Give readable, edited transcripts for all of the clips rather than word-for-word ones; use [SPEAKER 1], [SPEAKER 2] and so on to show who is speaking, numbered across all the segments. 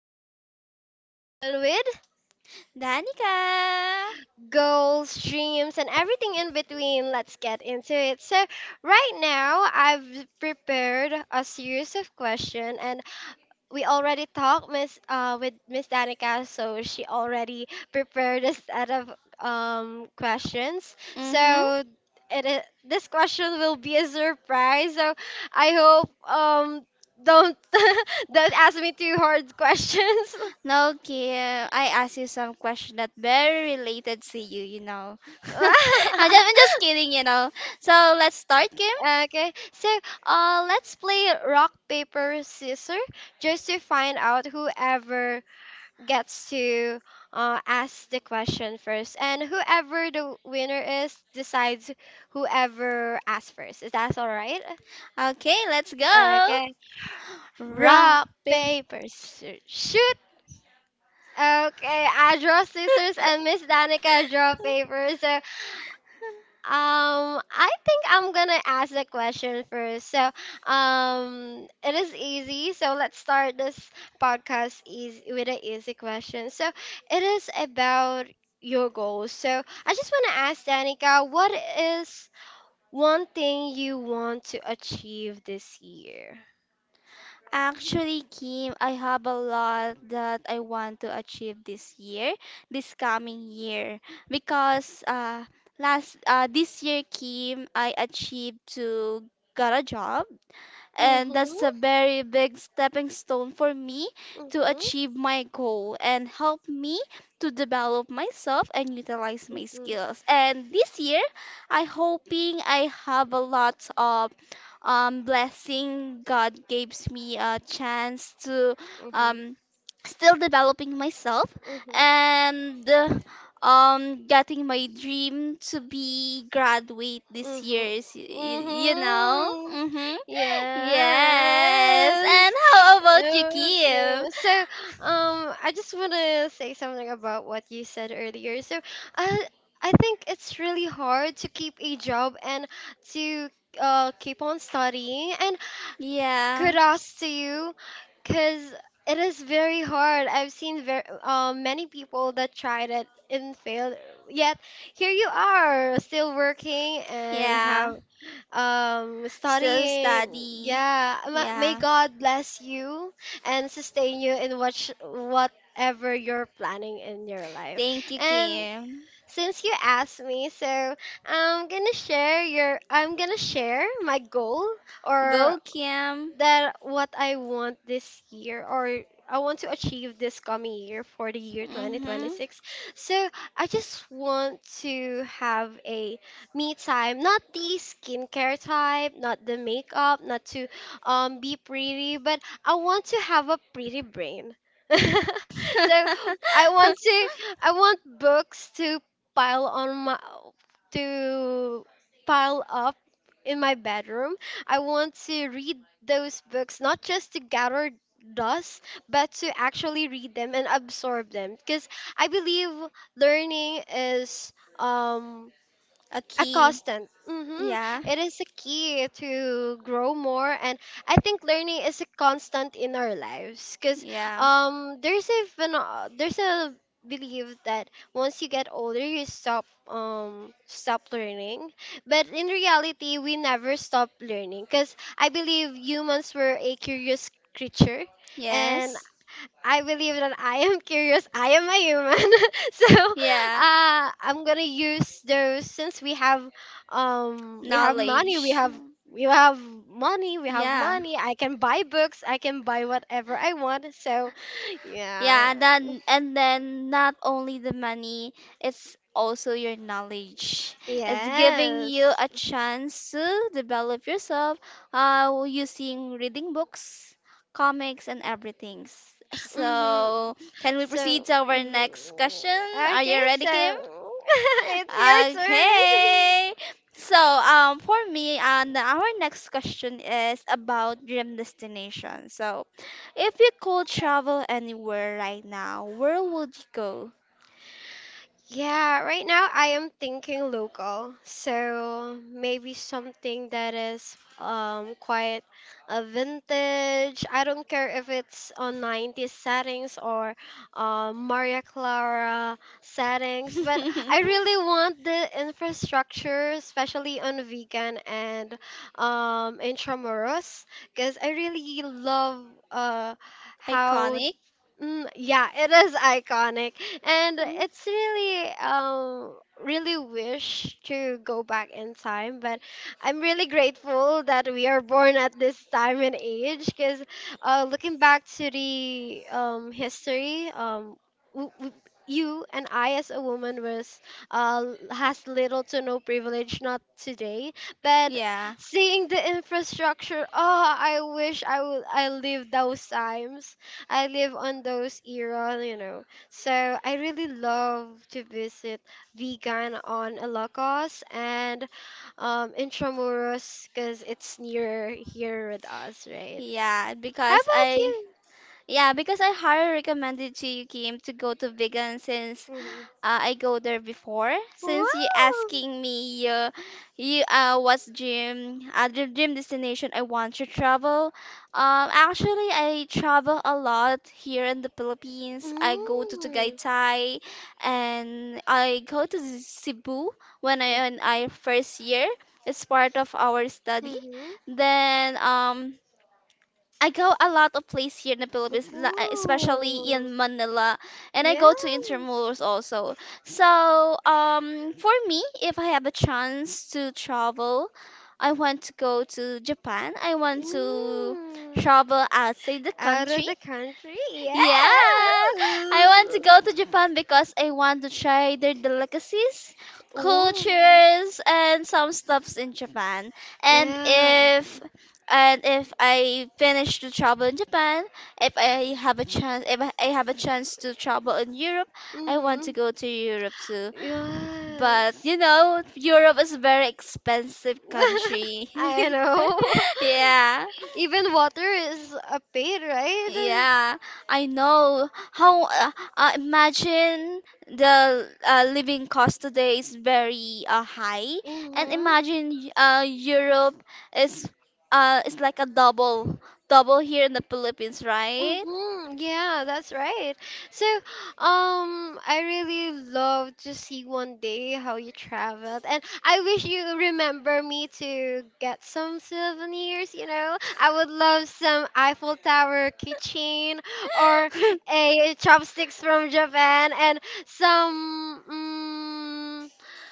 [SPEAKER 1] real conversation with
[SPEAKER 2] Danica.
[SPEAKER 1] goals, dreams, and everything in between. Let's get into it. So, right now, I've prepared a series of questions, and we already talked Miss with Miss Danica, so she already prepared a set of questions.
[SPEAKER 2] Mm-hmm.
[SPEAKER 1] This question will be a surprise. So I hope don't don't ask me too hard questions.
[SPEAKER 2] Now, Kim, I ask you some question that very related to you, you know. I'm just kidding, So let's start, Kim.
[SPEAKER 1] Okay, so let's play rock paper scissors just to find out whoever gets to ask the question first, and whoever the winner is decides whoever asks first. Is that all right?
[SPEAKER 2] Okay, let's go.
[SPEAKER 1] Okay.
[SPEAKER 2] Rock,
[SPEAKER 1] Rock,
[SPEAKER 2] paper.
[SPEAKER 1] paper, shoot. Okay, I draw scissors and Miss Danica draw paper. So um, I think I'm gonna ask the question first. So, it is easy. So let's start this podcast easy with an easy question. So it is about your goals. So I just want to ask Danica, what is one thing you want to achieve this year?
[SPEAKER 2] Actually, Kim, I have a lot that I want to achieve this year, this coming year, because last this year, Kim, I achieved to got a job, and
[SPEAKER 1] Mm-hmm.
[SPEAKER 2] that's a very big stepping stone for me to
[SPEAKER 1] Mm-hmm.
[SPEAKER 2] achieve my goal and help me to develop myself and utilize my
[SPEAKER 1] Mm-hmm.
[SPEAKER 2] skills. And this year, I hoping I have a lot of blessing. God gives me a chance to
[SPEAKER 1] Mm-hmm.
[SPEAKER 2] um, still developing myself
[SPEAKER 1] Mm-hmm.
[SPEAKER 2] and getting my dream to be graduate this year
[SPEAKER 1] Mhm.
[SPEAKER 2] is you know
[SPEAKER 1] Mhm.
[SPEAKER 2] mhm. Yes.
[SPEAKER 1] Yes.
[SPEAKER 2] And how about you,
[SPEAKER 1] Oh, yeah.
[SPEAKER 2] Kim?
[SPEAKER 1] So, I just want to say something about what you said earlier. So, uh, I think it's really hard to keep a job and to keep on studying. And
[SPEAKER 2] Yeah.
[SPEAKER 1] kudos to you because it is very hard. I've seen very many people that tried it and failed, yet here you are still working and
[SPEAKER 2] Yeah.
[SPEAKER 1] have
[SPEAKER 2] Still
[SPEAKER 1] studying.
[SPEAKER 2] study.
[SPEAKER 1] Yeah, may
[SPEAKER 2] Yeah.
[SPEAKER 1] god bless you and sustain you in what whatever you're planning in your life.
[SPEAKER 2] Thank you,
[SPEAKER 1] And
[SPEAKER 2] Kim.
[SPEAKER 1] since you asked me, so I'm gonna share my goal, or
[SPEAKER 2] Go, Kim.
[SPEAKER 1] that what I want this year, or I want to achieve this coming year for the year
[SPEAKER 2] Mhm.
[SPEAKER 1] 2026. So I just want to have a me time, not the skincare type, not the makeup, not to be pretty, but I want to have a pretty brain. So I want to, I want books to pile on my, to pile up in my bedroom. I want to read those books not just to gather dust, but to actually read them and absorb them. Because I believe learning is um
[SPEAKER 2] a
[SPEAKER 1] a
[SPEAKER 2] key.
[SPEAKER 1] constant. Hmm.
[SPEAKER 2] Yeah.
[SPEAKER 1] It is a key to grow more, and I think learning is a constant in our lives. Cause
[SPEAKER 2] Yeah.
[SPEAKER 1] there's a there's a belief that once you get older, you stop stop learning. But in reality, we never stop learning. Cause I believe humans were a curious creature, and
[SPEAKER 2] Yes.
[SPEAKER 1] I believe that I am curious. I am a human. So
[SPEAKER 2] Yeah.
[SPEAKER 1] I'm gonna use those since we have money, we
[SPEAKER 2] Knowledge.
[SPEAKER 1] have, we have money, we have
[SPEAKER 2] Yeah.
[SPEAKER 1] money. I can buy books, I can buy whatever I want. So yeah.
[SPEAKER 2] Yeah, and then not only the money, it's also your knowledge. It's giving you
[SPEAKER 1] Yes.
[SPEAKER 2] a chance to develop yourself using reading books, comics, and everything.
[SPEAKER 1] Mm-hmm.
[SPEAKER 2] So, can we
[SPEAKER 1] So
[SPEAKER 2] proceed to our next
[SPEAKER 1] mhm.
[SPEAKER 2] question? Are
[SPEAKER 1] Okay,
[SPEAKER 2] you ready,
[SPEAKER 1] so
[SPEAKER 2] Kim?
[SPEAKER 1] it's your turn.
[SPEAKER 2] Okay. So, for me, and our next question is about dream destination. So, if you could travel anywhere right now, where would you go?
[SPEAKER 1] Yeah, right now I am thinking local. So maybe something that is quite a vintage. I don't care if it's on 90s settings or Maria Clara settings, but I really want the infrastructure, especially on weekend and um, Intramuros, because I really love uh how.
[SPEAKER 2] Iconic.
[SPEAKER 1] Mm, yeah, it is iconic, and
[SPEAKER 2] Mm.
[SPEAKER 1] it's really wish to go back in time, but I'm really grateful that we are born at this time and age because looking back to the history, w- w- you and I as a woman was has little to no privilege, not today, but
[SPEAKER 2] Yeah,
[SPEAKER 1] seeing the infrastructure, oh, I lived those times. I live on those era, you know. So I really love to visit Vigan on Ilocos and Intramuros because it's near here with us, right?
[SPEAKER 2] yeah,
[SPEAKER 1] How
[SPEAKER 2] because
[SPEAKER 1] about
[SPEAKER 2] I
[SPEAKER 1] you?
[SPEAKER 2] Yeah, because I highly recommended to you, Kim, to go to vegan since
[SPEAKER 1] Mhm.
[SPEAKER 2] I go there before. Since you
[SPEAKER 1] Wow.
[SPEAKER 2] asking me, you uh, what's dream dream destination I want to travel. Actually, I travel a lot here in the Philippines. I go to
[SPEAKER 1] Mm.
[SPEAKER 2] Tagaytay, and I go to Cebu when I first year. It's part of our study.
[SPEAKER 1] Mhm.
[SPEAKER 2] Then. I go a lot of places here in the Philippines, especially
[SPEAKER 1] Ooh.
[SPEAKER 2] in Manila, and I go to
[SPEAKER 1] Yes.
[SPEAKER 2] Intramuros also. So, for me, if I have a chance to travel, I want to go to Japan. I want to
[SPEAKER 1] Mm.
[SPEAKER 2] travel outside the
[SPEAKER 1] Out of
[SPEAKER 2] country.
[SPEAKER 1] the country?
[SPEAKER 2] Yeah,
[SPEAKER 1] Yes.
[SPEAKER 2] I want to go to Japan because I want to try their delicacies,
[SPEAKER 1] Whoa.
[SPEAKER 2] cultures, and some stuffs in Japan. And
[SPEAKER 1] Yeah.
[SPEAKER 2] if and if I finish to travel in Japan, if I have a chance, if I have a chance to travel in Europe, I want
[SPEAKER 1] Mm-hmm.
[SPEAKER 2] to go to Europe too. But you
[SPEAKER 1] Yes.
[SPEAKER 2] know, Europe is a very expensive country.
[SPEAKER 1] I know.
[SPEAKER 2] yeah.
[SPEAKER 1] Even water is a paid, right?
[SPEAKER 2] Yeah, I know. How imagine the living cost today is very high, and
[SPEAKER 1] Mm-hmm.
[SPEAKER 2] imagine Europe is is like a double here in the Philippines, right?
[SPEAKER 1] Hmm. Yeah, that's right. So, I really love to see one day how you traveled, and I wish you remember me to get some souvenirs. You know, I would love some Eiffel Tower keychain or a chopsticks from Japan and some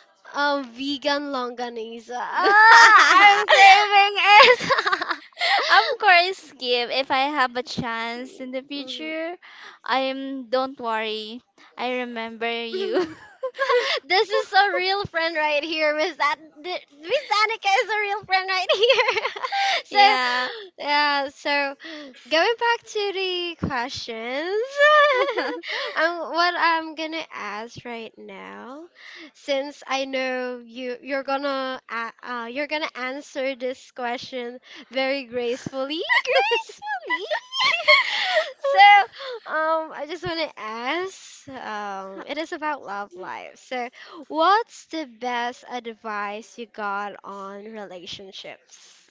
[SPEAKER 1] vegan longanisa. Ah, I'm craving it.
[SPEAKER 2] Of course, Kim, if I have a chance in the future, I am don't worry. I remember you.
[SPEAKER 1] This is a real friend right here. Miss Miss Annika is a real friend right here. So,
[SPEAKER 2] Yeah.
[SPEAKER 1] yeah. So, going back to the questions, what I'm gonna ask right now, since I know you're gonna you're gonna answer this question very gracefully. Gracefully. So, I just want to ask, it is about love life. So, what's the best advice you got on relationships?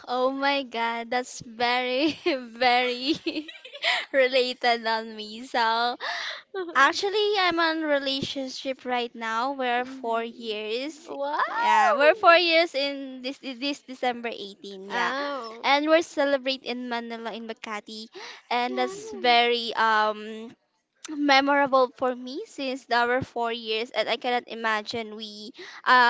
[SPEAKER 2] Oh my god, that's very, very related on me. So, actually, I'm on relationship right now. We're four
[SPEAKER 1] Mhm.
[SPEAKER 2] years.
[SPEAKER 1] Wow.
[SPEAKER 2] Yeah, we're 4 years in this December 18. Yeah,
[SPEAKER 1] Oh.
[SPEAKER 2] and we're celebrate in Manila in Makati, and that's
[SPEAKER 1] Yeah.
[SPEAKER 2] very memorable for me since our 4 years and I cannot imagine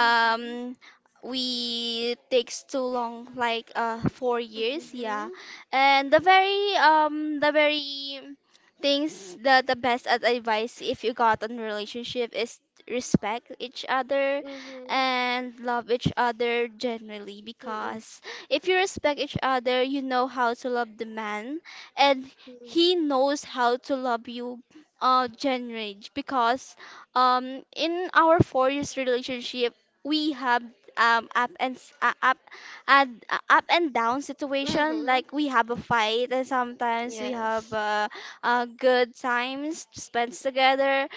[SPEAKER 1] Mhm.
[SPEAKER 2] we takes too long like 4 years, yeah.
[SPEAKER 1] Mhm.
[SPEAKER 2] And the very things that the best advice if you got in relationship is respect each other
[SPEAKER 1] Mm-hmm.
[SPEAKER 2] and love each other genuinely,
[SPEAKER 1] Mm-mm.
[SPEAKER 2] because if you respect each other you know how to love the man, and he knows how to love you, genre. Because in our 4 years relationship we have up and s- up and up and down situation
[SPEAKER 1] Mm-hmm.
[SPEAKER 2] like we have a fight, and sometimes we have
[SPEAKER 1] Yes.
[SPEAKER 2] good times
[SPEAKER 1] Mm-hmm.
[SPEAKER 2] spent together.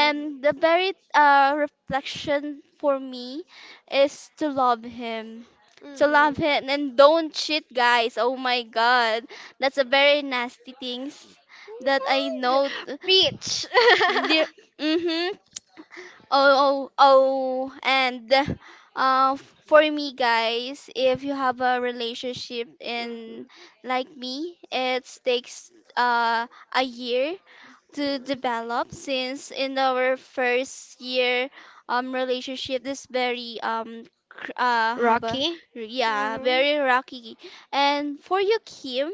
[SPEAKER 1] Mm-hmm.
[SPEAKER 2] the very reflection for me is to love him, to love
[SPEAKER 1] Mm-hmm.
[SPEAKER 2] him, and don't cheat guys. Oh my god, that's a very nasty things that I know
[SPEAKER 1] Beach.
[SPEAKER 2] the, mm-hmm. Oh, oh, oh, and uh, for me, guys, if you have a relationship in
[SPEAKER 1] Mm-hmm.
[SPEAKER 2] like me, it takes uh, a year to develop, since in our first year relationship is very have a
[SPEAKER 1] Rocky?
[SPEAKER 2] yeah
[SPEAKER 1] Hmm.
[SPEAKER 2] very rocky. And for you, Kim,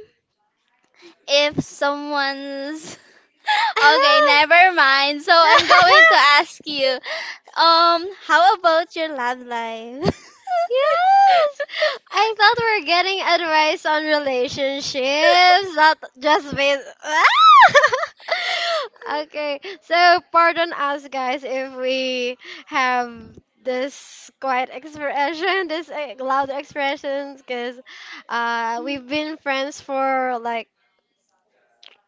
[SPEAKER 2] if someone's okay, never mind. So I'm going to ask you, how about your love life?
[SPEAKER 1] Yes! I thought we are getting advice on relationships, not just with. Okay, so pardon us, guys, if we have this quiet expression, this eh, loud expressions, because we've been friends for like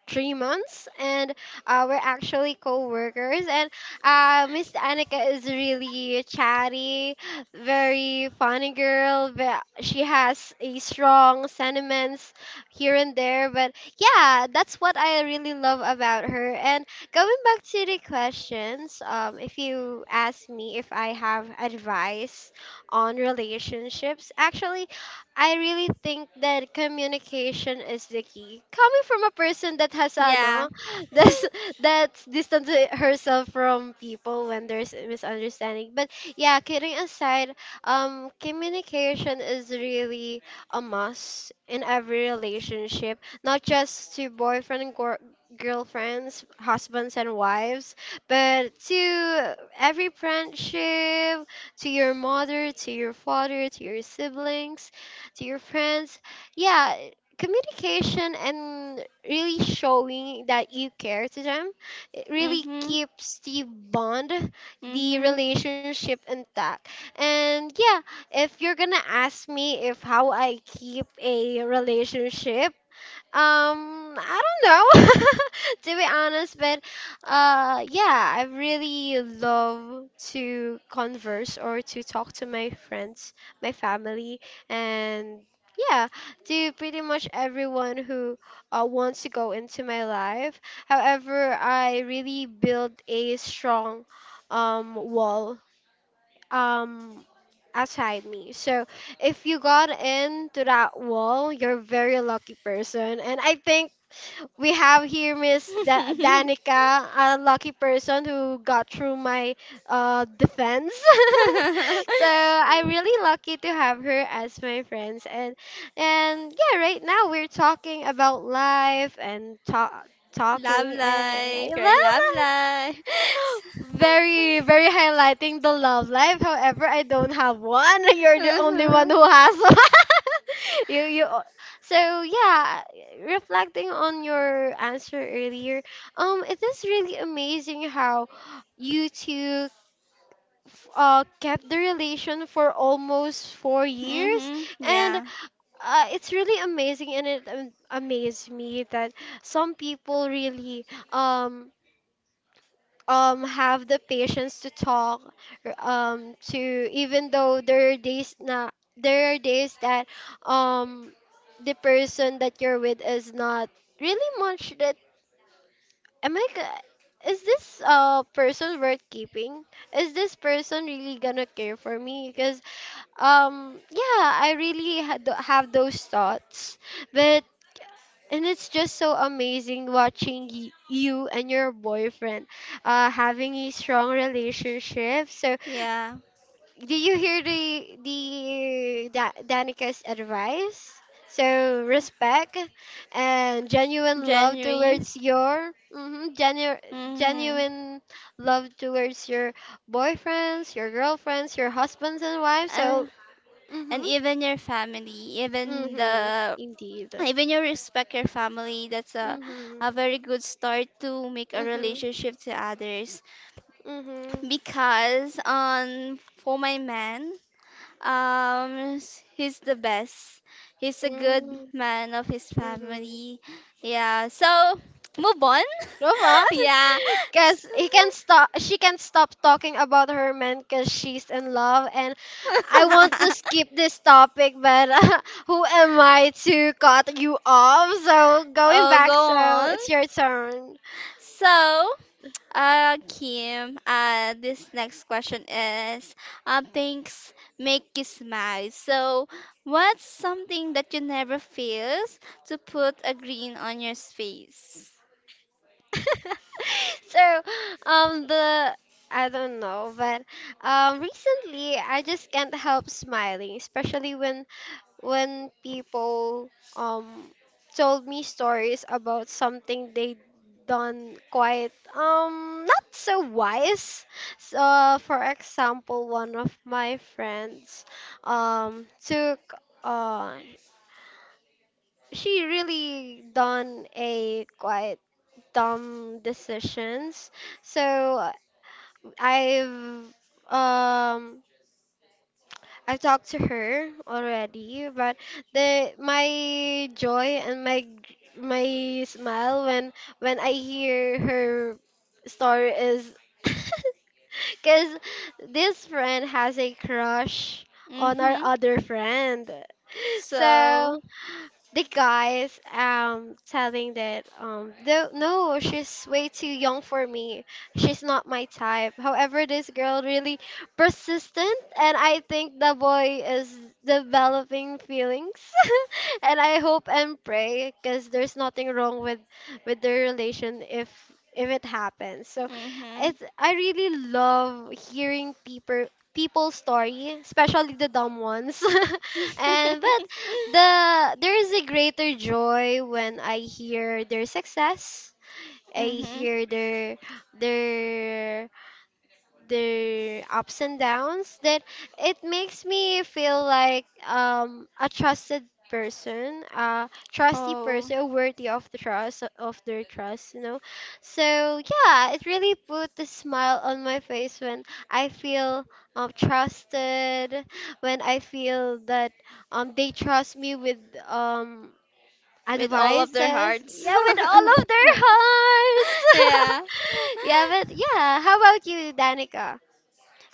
[SPEAKER 1] 3 months, and we're actually co-workers. And Miss Annika is really chatty, very funny girl. But she has a strong sentiments here and there. But yeah, that's what I really love about her. And going back to the questions, if you ask me if I have advice on relationships, actually, I really think that communication is the key. Coming from a person that has
[SPEAKER 2] yeah.
[SPEAKER 1] ano, that's that's distant herself from people when there's a misunderstanding. But yeah, kidding aside, communication is really a must in every relationship, not just to boyfriend and girlfriends, husbands and wives, but to every friendship, to your mother, to your father, to your siblings, to your friends. Yeah, communication and really showing that you care to them, it really
[SPEAKER 2] Mhm.
[SPEAKER 1] keeps the bond, the
[SPEAKER 2] Mhm.
[SPEAKER 1] relationship intact. And yeah, if you're gonna ask me if how I keep a relationship, I don't know, to be honest, but yeah, I really love to converse or to talk to my friends, my family, and yeah, to pretty much everyone who wants to go into my life. However, I really build a strong wall um outside me. So if you got into that wall, you're a very lucky person. And I think we have here Miss Danica, a lucky person who got through my defense. So I'm really lucky to have her as my friends. And yeah, right now we're talking about life and
[SPEAKER 2] love
[SPEAKER 1] talking and
[SPEAKER 2] life,
[SPEAKER 1] I
[SPEAKER 2] your
[SPEAKER 1] love
[SPEAKER 2] love
[SPEAKER 1] that.
[SPEAKER 2] life.
[SPEAKER 1] Very, very highlighting the love life. However, I don't have one. You're the only one who
[SPEAKER 2] Mhm.
[SPEAKER 1] has one. You. So yeah, reflecting on your answer earlier, it is really amazing how you two kept the relation for almost 4 years,
[SPEAKER 2] Mhm.
[SPEAKER 1] and
[SPEAKER 2] Yeah.
[SPEAKER 1] it's really amazing, and it amazed me that some people really um have the patience to talk to, even though there are days na, there are days that um the person that you're with is not really much that, is this person worth keeping, is this person really gonna care for me? Because yeah, I really have those thoughts, but, and it's just so amazing watching you and your boyfriend having a strong relationship. So,
[SPEAKER 2] Yeah.
[SPEAKER 1] do you hear the Danica's advice? So respect and genuine love
[SPEAKER 2] January.
[SPEAKER 1] towards your mhm,
[SPEAKER 2] Mhm.
[SPEAKER 1] genuine love towards your boyfriends, your girlfriends, your husbands and wives.
[SPEAKER 2] And
[SPEAKER 1] So,
[SPEAKER 2] and
[SPEAKER 1] mhm,
[SPEAKER 2] even your family, even
[SPEAKER 1] mhm,
[SPEAKER 2] the
[SPEAKER 1] indeed,
[SPEAKER 2] even you respect your family. That's
[SPEAKER 1] mhm,
[SPEAKER 2] a very good start to make a
[SPEAKER 1] mhm,
[SPEAKER 2] relationship to others.
[SPEAKER 1] mhm.
[SPEAKER 2] Because for my man, he's the best. He's a good
[SPEAKER 1] Mm-hmm.
[SPEAKER 2] man of his
[SPEAKER 1] Mm-hmm.
[SPEAKER 2] family. Yeah. So, move on.
[SPEAKER 1] Move on,
[SPEAKER 2] yeah.
[SPEAKER 1] because he can stop. She can stop talking about her man because she's in love, and I want to skip this topic, but who am I to cut you off? So going
[SPEAKER 2] oh, go
[SPEAKER 1] back, so
[SPEAKER 2] on.
[SPEAKER 1] it's your turn.
[SPEAKER 2] So, Kim, this next question is, things make you smile. So, what's something that you never fails to put a grin on your face?
[SPEAKER 1] So the I don't know, but um, recently I just can't help smiling, especially when people um told me stories about something they done quite um, not so wise. So, for example, one of my friends took uh she really done a quite dumb decisions. So uh, I've um I've talked to her already, but the my joy and my smile when I hear her story is because this friend has a crush on our
[SPEAKER 2] Mm-hmm.
[SPEAKER 1] other friend.
[SPEAKER 2] So.
[SPEAKER 1] So the guys um, telling that um, no, no, she's way too young for me, she's not my type, however this girl really persistent and I think the boy is developing feelings. And I hope and pray, because there's nothing wrong with their relation if it happens. So
[SPEAKER 2] Mhm.
[SPEAKER 1] it's, I really love hearing people's story, especially the dumb ones. And but there is a greater joy when I hear their success. I
[SPEAKER 2] Mhm.
[SPEAKER 1] hear their their ups and downs that it makes me feel like a trusted person, a trusty
[SPEAKER 2] Oh,
[SPEAKER 1] person worthy of the trust of their trust, so yeah, it really put a smile on my face when I feel trusted, when I feel that they trust me with um
[SPEAKER 2] with all of
[SPEAKER 1] advices.
[SPEAKER 2] their hearts.
[SPEAKER 1] Yeah, with all of their hearts.
[SPEAKER 2] Yeah.
[SPEAKER 1] Yeah, but yeah, how about you, Danica?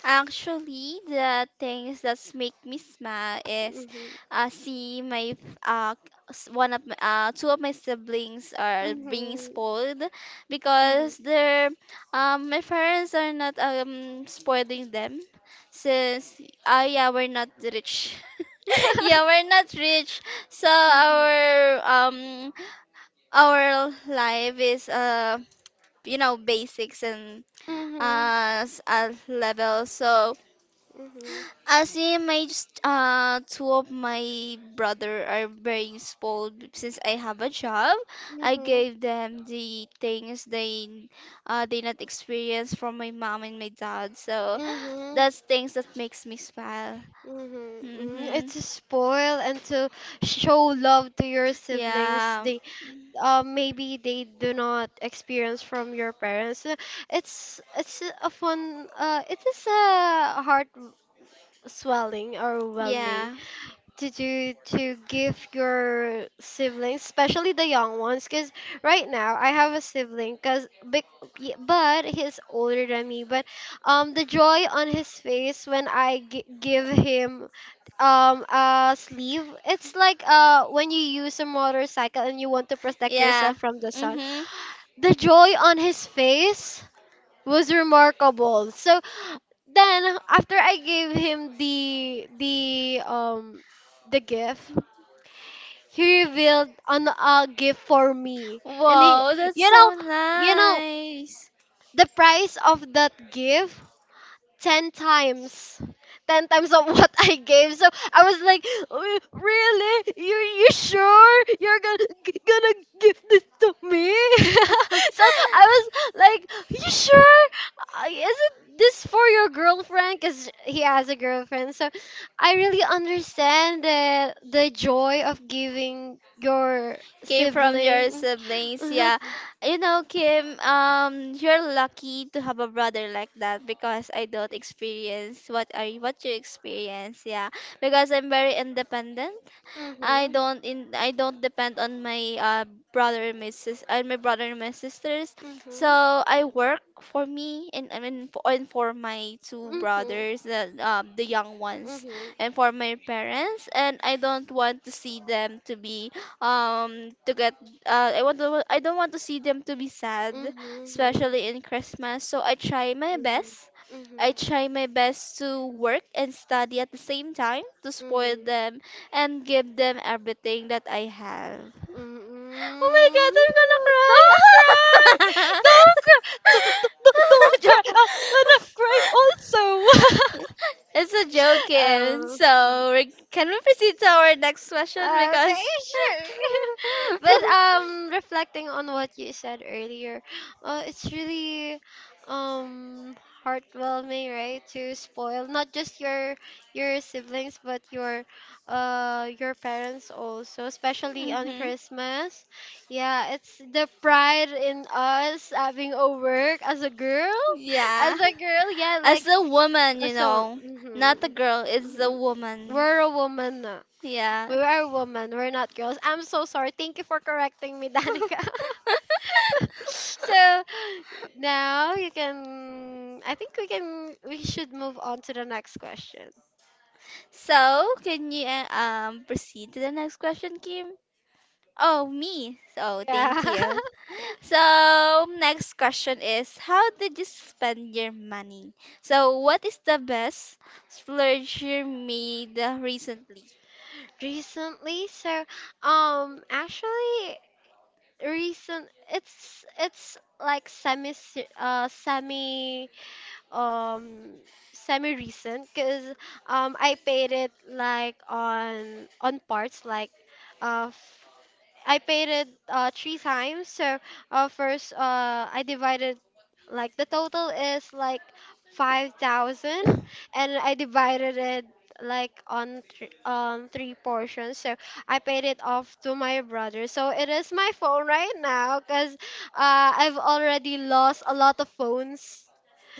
[SPEAKER 2] Actually, the things that make me smile is
[SPEAKER 1] Mhm.
[SPEAKER 2] uh, see my uh, one of my, two of my siblings are being
[SPEAKER 1] Mhm.
[SPEAKER 2] spoiled
[SPEAKER 1] Mhm.
[SPEAKER 2] because their my parents are not spoiling them, since yeah we're not rich. Yeah, we're not rich, so
[SPEAKER 1] Mhm.
[SPEAKER 2] um our life is you know basics and
[SPEAKER 1] Mhm.
[SPEAKER 2] level. So
[SPEAKER 1] Mhm.
[SPEAKER 2] as in my two of my brother are very spoiled since I have a job. I
[SPEAKER 1] Mhm.
[SPEAKER 2] gave them the things they not experience from my mom and my dad. So
[SPEAKER 1] Mhm.
[SPEAKER 2] that's things that makes me smile.
[SPEAKER 1] Mhm. Mm,
[SPEAKER 2] Mm-hmm.
[SPEAKER 1] it's to spoil and to show love to your siblings.
[SPEAKER 2] Yeah.
[SPEAKER 1] They maybe they do not experience from your parents. It's a fun. It is a heart swelling or overwhelming
[SPEAKER 2] Yeah.
[SPEAKER 1] to do to give your siblings, especially the young ones. Because right now I have a sibling, but he's older than me. But the joy on his face when I give him a sleeve, it's like when you use a motorcycle and you want to protect
[SPEAKER 2] Yeah.
[SPEAKER 1] yourself from the sun.
[SPEAKER 2] Mm-hmm.
[SPEAKER 1] The joy on his face was remarkable. So then after I gave him the gift, he revealed an a gift for me. And he,
[SPEAKER 2] Wow, that's
[SPEAKER 1] you know
[SPEAKER 2] so
[SPEAKER 1] you know,
[SPEAKER 2] nice.
[SPEAKER 1] the price of that gift, 10 times, 10 times of what I gave. So I was like, really, you sure you're gonna gonna give this to me?" So I was like, you sure, is it this for your girlfriend? Because he has a girlfriend. So I really understand the joy of giving your
[SPEAKER 2] Came from your
[SPEAKER 1] sibling.
[SPEAKER 2] siblings,
[SPEAKER 1] Mm-hmm,
[SPEAKER 2] yeah. You know, Kim, you're lucky to have a brother like that because I don't experience what are what you experience, yeah. Because I'm very independent.
[SPEAKER 1] mm-hmm,
[SPEAKER 2] I don't depend on my brother and my sisters. So
[SPEAKER 1] mm-hmm,
[SPEAKER 2] I work for me and for my two
[SPEAKER 1] mm-hmm,
[SPEAKER 2] brothers, the young ones,
[SPEAKER 1] mm-hmm.
[SPEAKER 2] and for my parents. And I don't want to see them to be to get I want to I don't want to see them to be sad,
[SPEAKER 1] Mm-hmm.
[SPEAKER 2] especially in Christmas. So I try my
[SPEAKER 1] Mhm.
[SPEAKER 2] best. I
[SPEAKER 1] Mhm.
[SPEAKER 2] try my best to work and study at the same time to spoil
[SPEAKER 1] Mhm.
[SPEAKER 2] them and give them everything that I have. Oh my
[SPEAKER 1] Mhm.
[SPEAKER 2] god,
[SPEAKER 1] Don't cry!
[SPEAKER 2] I'm
[SPEAKER 1] Don't cry! Don't
[SPEAKER 2] gonna
[SPEAKER 1] cry!
[SPEAKER 2] cry.
[SPEAKER 1] I'm gonna cry also!
[SPEAKER 2] Joke. It's a joke, Kim.
[SPEAKER 1] Um. mm.
[SPEAKER 2] So, we- can we proceed to our next question?
[SPEAKER 1] Okay,
[SPEAKER 2] Because.
[SPEAKER 1] sure. But reflecting on what you said earlier, it's really um heartwarming, right? To spoil not just your siblings but your parents also, especially on
[SPEAKER 2] hmm.
[SPEAKER 1] Christmas. Yeah, it's the pride in us having a work as a girl. As
[SPEAKER 2] Yeah.
[SPEAKER 1] a girl, yeah,
[SPEAKER 2] As
[SPEAKER 1] like
[SPEAKER 2] a woman, you know, not a
[SPEAKER 1] mhm.
[SPEAKER 2] girl, it's a
[SPEAKER 1] Mhm.
[SPEAKER 2] woman.
[SPEAKER 1] We're a woman. We
[SPEAKER 2] Yeah.
[SPEAKER 1] are women, we're not girls. I'm so sorry. Thank you for correcting me, Danica. So now you can, I think we can, we should move on to the next question.
[SPEAKER 2] So, can you proceed to the next question, Kim? Oh, me. So,
[SPEAKER 1] Yeah.
[SPEAKER 2] thank you. So, next question is how did you spend your money? So, what is the best splurge you made recently?
[SPEAKER 1] Recently, so actually, recent it's like semi um semi recent, cuz I paid it like on parts, like uh I paid it three times. So first, I divided, like the total is like 5,000, and I divided it like on three portions. So I paid it off to my brother. So it is my phone right now, cause I've already lost a lot of phones.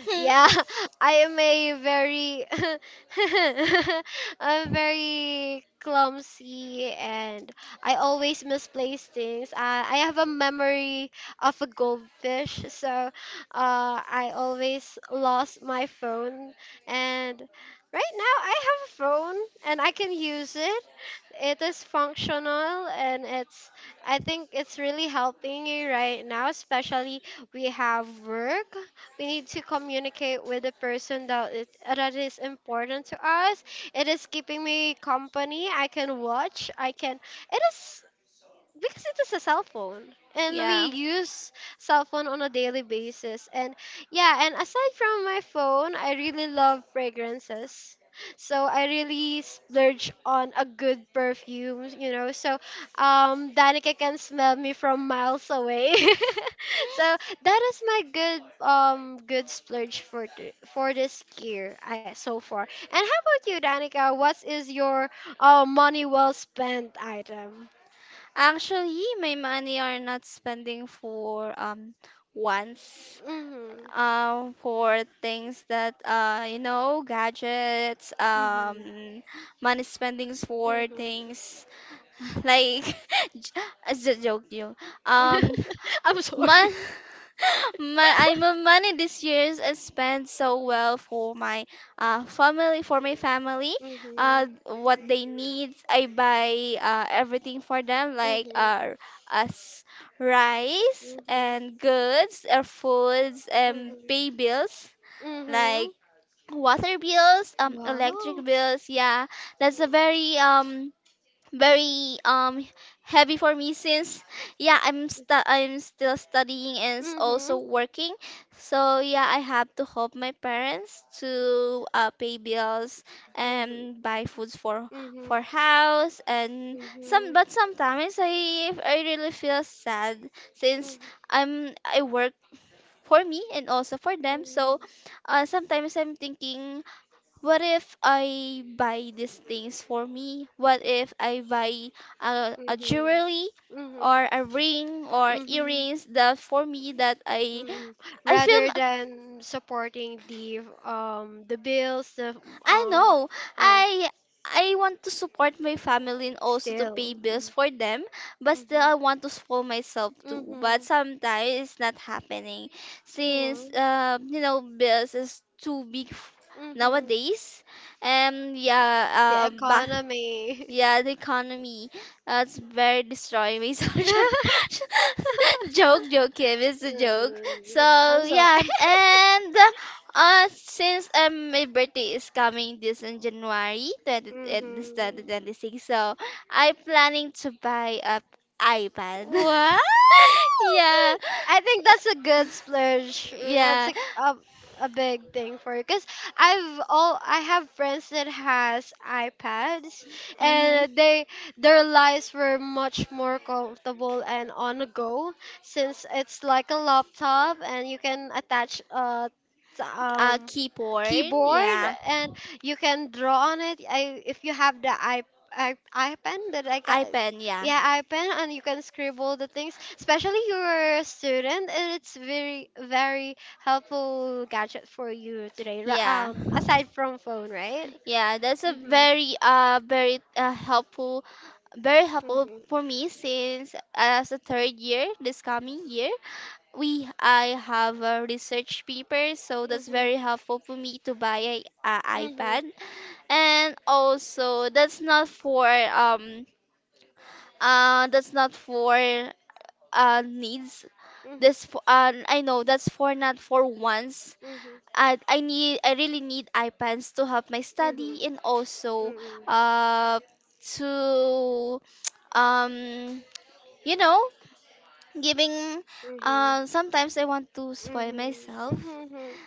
[SPEAKER 2] Hmm.
[SPEAKER 1] Yeah. I am a very I'm very clumsy and I always misplace things. I have a memory of a goldfish, so I always lost my phone. And right now I have a phone and I can use it. It is functional and it's, I think it's really helping you right now, especially we have work, we need to communicate with the person that is important to us. It is keeping me company. I can watch. I can. It is, because it is a cell phone and we
[SPEAKER 2] Yeah.
[SPEAKER 1] use cell phone on a daily basis. And yeah, and aside from my phone, I really love fragrances, so I really splurge on a good perfume, so Danica can smell me from miles away. So that is my good good splurge for for this year, I, so far. And how about you, Danica? What is your money well spent item?
[SPEAKER 2] Actually, my money are not spending for once.
[SPEAKER 1] Hmm.
[SPEAKER 2] Um, for things that you know gadgets,
[SPEAKER 1] Mhm.
[SPEAKER 2] money spendings for
[SPEAKER 1] Mhm.
[SPEAKER 2] things. Like, it's a joke you um
[SPEAKER 1] I'm sorry.
[SPEAKER 2] Mon- my, I my money this year is spent so well for my family.
[SPEAKER 1] Mhm.
[SPEAKER 2] What they need I buy everything for them, like
[SPEAKER 1] Mhm.
[SPEAKER 2] as rice
[SPEAKER 1] Mhm.
[SPEAKER 2] and goods or foods and
[SPEAKER 1] Mhm.
[SPEAKER 2] pay bills, like
[SPEAKER 1] Mhm.
[SPEAKER 2] water bills,
[SPEAKER 1] Wow.
[SPEAKER 2] electric bills, yeah. That's a very heavy for me since yeah I'm still studying and
[SPEAKER 1] Mhm.
[SPEAKER 2] also
[SPEAKER 1] Mhm. Mhm.
[SPEAKER 2] working. So yeah, I have to help my parents to pay bills and buy foods
[SPEAKER 1] Mhm.
[SPEAKER 2] for house and some.
[SPEAKER 1] Mhm.
[SPEAKER 2] But sometimes I really feel sad since I work for me and also for them. So sometimes I'm thinking, what if I buy these things for me? What if I buy a
[SPEAKER 1] Mhm.
[SPEAKER 2] jewelry
[SPEAKER 1] Mhm.
[SPEAKER 2] or a ring or
[SPEAKER 1] Mhm.
[SPEAKER 2] earrings that for me that
[SPEAKER 1] Mm,
[SPEAKER 2] I feel
[SPEAKER 1] rather
[SPEAKER 2] m-
[SPEAKER 1] than supporting the bills, the
[SPEAKER 2] I
[SPEAKER 1] um
[SPEAKER 2] know.
[SPEAKER 1] uh,
[SPEAKER 2] I I want to support my family and also to pay
[SPEAKER 1] still
[SPEAKER 2] bills
[SPEAKER 1] mm,
[SPEAKER 2] for them, but still I
[SPEAKER 1] mm-hmm,
[SPEAKER 2] want to spoil myself too. But
[SPEAKER 1] mm-hmm,
[SPEAKER 2] sometimes it's not happening since
[SPEAKER 1] yeah,
[SPEAKER 2] you know bills is too big
[SPEAKER 1] mm-hmm,
[SPEAKER 2] nowadays. And
[SPEAKER 1] the
[SPEAKER 2] yeah, back
[SPEAKER 1] economy.
[SPEAKER 2] Yeah, the economy. That's very destroying me. So sure. Joke, joke, Kim. It's a joke.
[SPEAKER 1] Uh,
[SPEAKER 2] So
[SPEAKER 1] I'm sorry.
[SPEAKER 2] yeah, and since my birthday is coming this in January 20, this
[SPEAKER 1] Mm-hmm.
[SPEAKER 2] 2026, so I'm planning to buy a iPad.
[SPEAKER 1] Wow!
[SPEAKER 2] yeah,
[SPEAKER 1] I think that's a good splurge. That's
[SPEAKER 2] yeah.
[SPEAKER 1] like a big thing for you because I've all, I have friends that has iPads
[SPEAKER 2] Mm-hmm.
[SPEAKER 1] and they, their lives were much more comfortable and on the go, since it's like a laptop and you can attach a t- um
[SPEAKER 2] Keyboard,
[SPEAKER 1] keyboard,
[SPEAKER 2] yeah.
[SPEAKER 1] and you can draw on it. I If you have the I iPen that I got,
[SPEAKER 2] iPad, yeah.
[SPEAKER 1] yeah, iPen, and you can scribble the things. Especially you're a student, and it's very very helpful gadget for you today.
[SPEAKER 2] Yeah.
[SPEAKER 1] Aside from phone, right?
[SPEAKER 2] Yeah, that's a
[SPEAKER 1] Mhm.
[SPEAKER 2] very helpful, very helpful
[SPEAKER 1] Mhm.
[SPEAKER 2] for me since as a third year this coming year we I have a research paper, so that's
[SPEAKER 1] Mhm.
[SPEAKER 2] very helpful for me to buy a
[SPEAKER 1] Mhm.
[SPEAKER 2] iPad. And also that's not for needs. This for I know that's for not for once.
[SPEAKER 1] Mhm.
[SPEAKER 2] I really need iPads to help my
[SPEAKER 1] Mhm.
[SPEAKER 2] study and also
[SPEAKER 1] Mhm. Mhm.
[SPEAKER 2] uh to um you know giving
[SPEAKER 1] Mhm.
[SPEAKER 2] um, sometimes I want to spoil
[SPEAKER 1] Mhm,
[SPEAKER 2] myself.
[SPEAKER 1] mhm, mhm.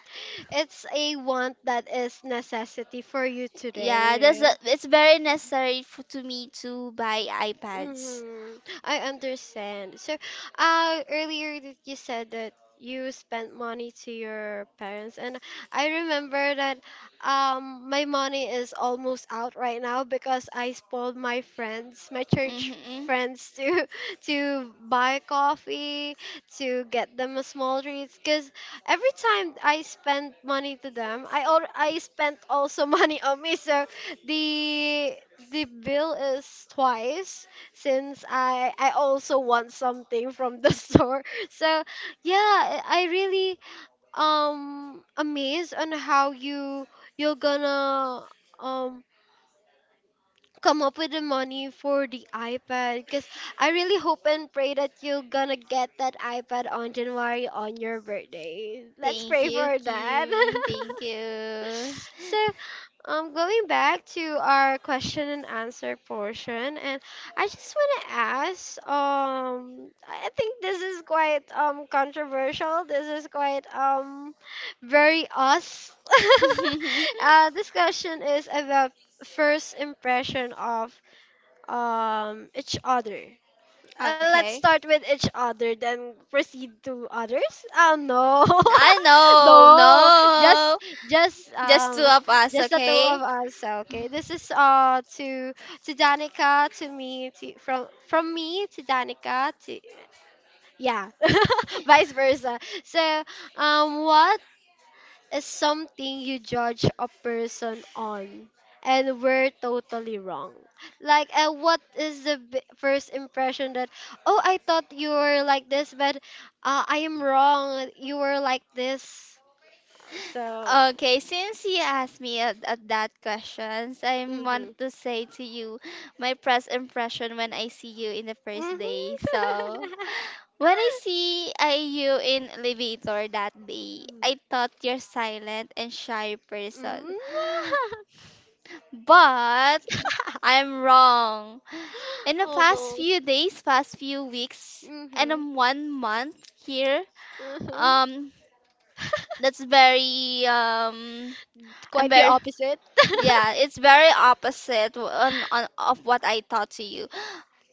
[SPEAKER 1] It's a want that is necessity for you
[SPEAKER 2] Yeah, that's
[SPEAKER 1] today.
[SPEAKER 2] the, it's very necessary for to me to buy iPads.
[SPEAKER 1] Mm-hmm. I understand. So earlier that you said that you spent money to your parents, and I remember that my money is almost out right now because I spoiled my friends, my church
[SPEAKER 2] Mm-hmm.
[SPEAKER 1] friends, to to buy coffee, to get them a small treats. Cause every time I spend money to them, I spent also money on me. So the the bill is twice since I also want something from the store. So yeah, I really amazed on how you, you're gonna um come up with the money for the iPad, because I really hope and pray that you're gonna get that iPad on January, on your birthday. Let's
[SPEAKER 2] Thank
[SPEAKER 1] pray
[SPEAKER 2] you,
[SPEAKER 1] for that.
[SPEAKER 2] Kim. Thank you.
[SPEAKER 1] So going back to our question and answer portion, and I just want to ask, I think this is quite controversial. This is quite very us. This question is about first impression of each other. Let's
[SPEAKER 2] okay.
[SPEAKER 1] start with each other, then proceed to others. Oh no,
[SPEAKER 2] I know,
[SPEAKER 1] no,
[SPEAKER 2] no.
[SPEAKER 1] just just
[SPEAKER 2] Just two
[SPEAKER 1] um
[SPEAKER 2] of us,
[SPEAKER 1] just the two
[SPEAKER 2] okay?
[SPEAKER 1] of us. Okay, this is to Danica, to me, to from me to Danica, to yeah, vice versa. So what is something you judge a person on and we're totally wrong, like what is the first impression that, oh, I thought you were like this, but I am wrong, you were like this. So
[SPEAKER 2] Okay, since you asked me at that questions, I
[SPEAKER 1] mhm.
[SPEAKER 2] wanted to say to you my first impression when I see you in the first day.
[SPEAKER 1] Mhm.
[SPEAKER 2] So, when you in elevator that day,
[SPEAKER 1] Mm.
[SPEAKER 2] I thought you're silent and shy person.
[SPEAKER 1] Mm.
[SPEAKER 2] But I'm wrong. In the
[SPEAKER 1] Oh
[SPEAKER 2] past
[SPEAKER 1] no.
[SPEAKER 2] few days, past few weeks, and
[SPEAKER 1] Mhm.
[SPEAKER 2] 1 month here,
[SPEAKER 1] Mhm.
[SPEAKER 2] um, that's very I'm
[SPEAKER 1] Quite the
[SPEAKER 2] very
[SPEAKER 1] opposite.
[SPEAKER 2] yeah, it's very opposite on of what I thought to you.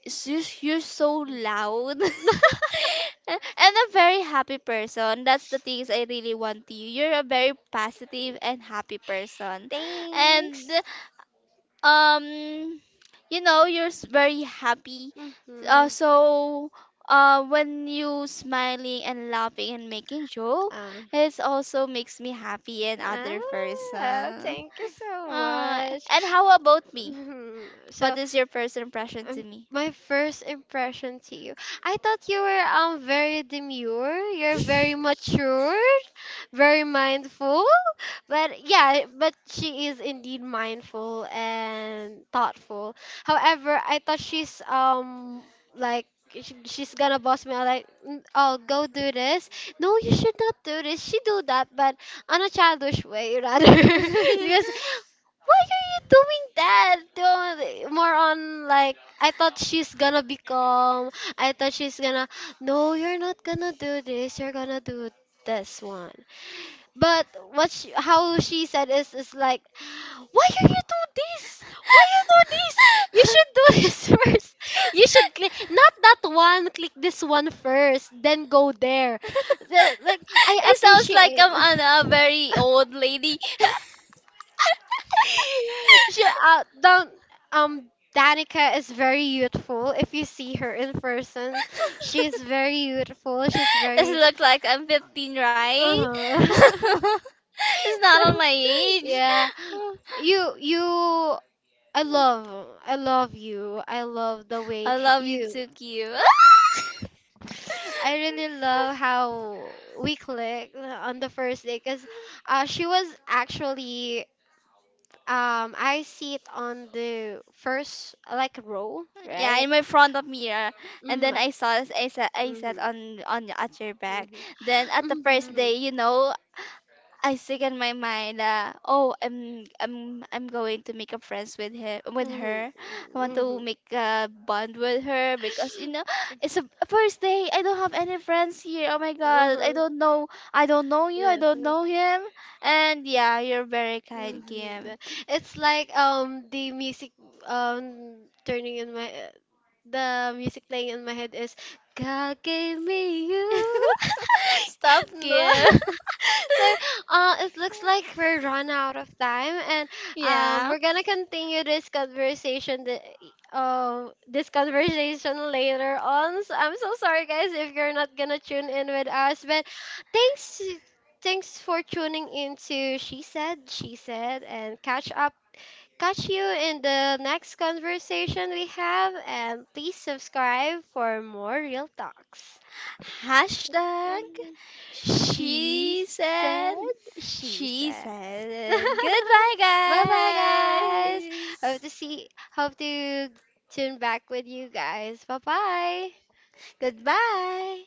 [SPEAKER 2] It's just- You're so loud. And a very happy person. That's the things I really want to you. You're a very positive and happy person. And
[SPEAKER 1] Thanks.
[SPEAKER 2] um you know, you're very happy. Uh,
[SPEAKER 1] Mhm.
[SPEAKER 2] so uh when you smiling and laughing and making joke,
[SPEAKER 1] Ah.
[SPEAKER 2] it also makes me happy and other
[SPEAKER 1] Ah,
[SPEAKER 2] person.
[SPEAKER 1] thank you so
[SPEAKER 2] Uh,
[SPEAKER 1] much.
[SPEAKER 2] and how about me?
[SPEAKER 1] Mhm.
[SPEAKER 2] What
[SPEAKER 1] So
[SPEAKER 2] is your first impression to
[SPEAKER 1] um,
[SPEAKER 2] me?
[SPEAKER 1] my first impression to you. I thought you were very demure. You're very mature, very mindful. But yeah, but she is indeed mindful and thoughtful. However, I thought she's like she's gonna boss me out like, "Mm, oh go do this, no you should not do this, she do that," but on a childish way rather.
[SPEAKER 2] It
[SPEAKER 1] Because, why are you doing that? Don't— More on like, I thought she's gonna be calm. I thought she's gonna, no, you're not gonna do this. You're gonna do this one. But what she, how she said is like, why are you do this? Why you do this? You should do this first. You should click not that one. Click this one first, then go there. The, like, I
[SPEAKER 2] sounds like
[SPEAKER 1] appreciate.
[SPEAKER 2] I'm an, a very old lady.
[SPEAKER 1] She don't um Danica is very youthful. If you see her in person, she's very youthful. She's
[SPEAKER 2] This
[SPEAKER 1] very
[SPEAKER 2] look like I'm 15, right?
[SPEAKER 1] uh-huh.
[SPEAKER 2] It's not
[SPEAKER 1] So
[SPEAKER 2] on my age.
[SPEAKER 1] yeah, you, I love, I love you. I love the way
[SPEAKER 2] I love you
[SPEAKER 1] you.
[SPEAKER 2] too, cute.
[SPEAKER 1] I really love how we clicked on the first day because she was actually I see it on the first like row,
[SPEAKER 2] Yeah,
[SPEAKER 1] right?
[SPEAKER 2] in my front of mirror, and
[SPEAKER 1] Mm.
[SPEAKER 2] then I said, I sat
[SPEAKER 1] Mhm.
[SPEAKER 2] on at your back.
[SPEAKER 1] Mhm.
[SPEAKER 2] Then at the first day,
[SPEAKER 1] Mhm.
[SPEAKER 2] you know, I think in my mind, oh, I'm going to make a friends with him with
[SPEAKER 1] Mhm.
[SPEAKER 2] her. I want to
[SPEAKER 1] Mhm.
[SPEAKER 2] make a bond with her because you know it's a first day. I don't have any friends here. Oh my God, I
[SPEAKER 1] Uh-huh.
[SPEAKER 2] don't know. I don't know you. I
[SPEAKER 1] Yeah.
[SPEAKER 2] don't know him. And yeah, you're very kind,
[SPEAKER 1] Mm-hmm.
[SPEAKER 2] Kim.
[SPEAKER 1] It's like the music um turning in my the music playing in my head is, God gave me you.
[SPEAKER 2] Stop,
[SPEAKER 1] No.
[SPEAKER 2] Kim.
[SPEAKER 1] So it looks like we're run out of time and
[SPEAKER 2] Yeah.
[SPEAKER 1] we're gonna continue this conversation, the this conversation later on. So I'm so sorry guys if you're not gonna tune in with us, but thanks thanks for tuning in to She Said, She Said, and catch you in the next conversation we have. And please subscribe for more real talks. Uh,
[SPEAKER 2] Hashtag
[SPEAKER 1] She
[SPEAKER 2] she said,
[SPEAKER 1] said, She
[SPEAKER 2] she
[SPEAKER 1] said.
[SPEAKER 2] said, goodbye,
[SPEAKER 1] Bye bye, guys. Hope
[SPEAKER 2] guys.
[SPEAKER 1] to see, hope to tune back with you guys. Bye bye.
[SPEAKER 2] Goodbye.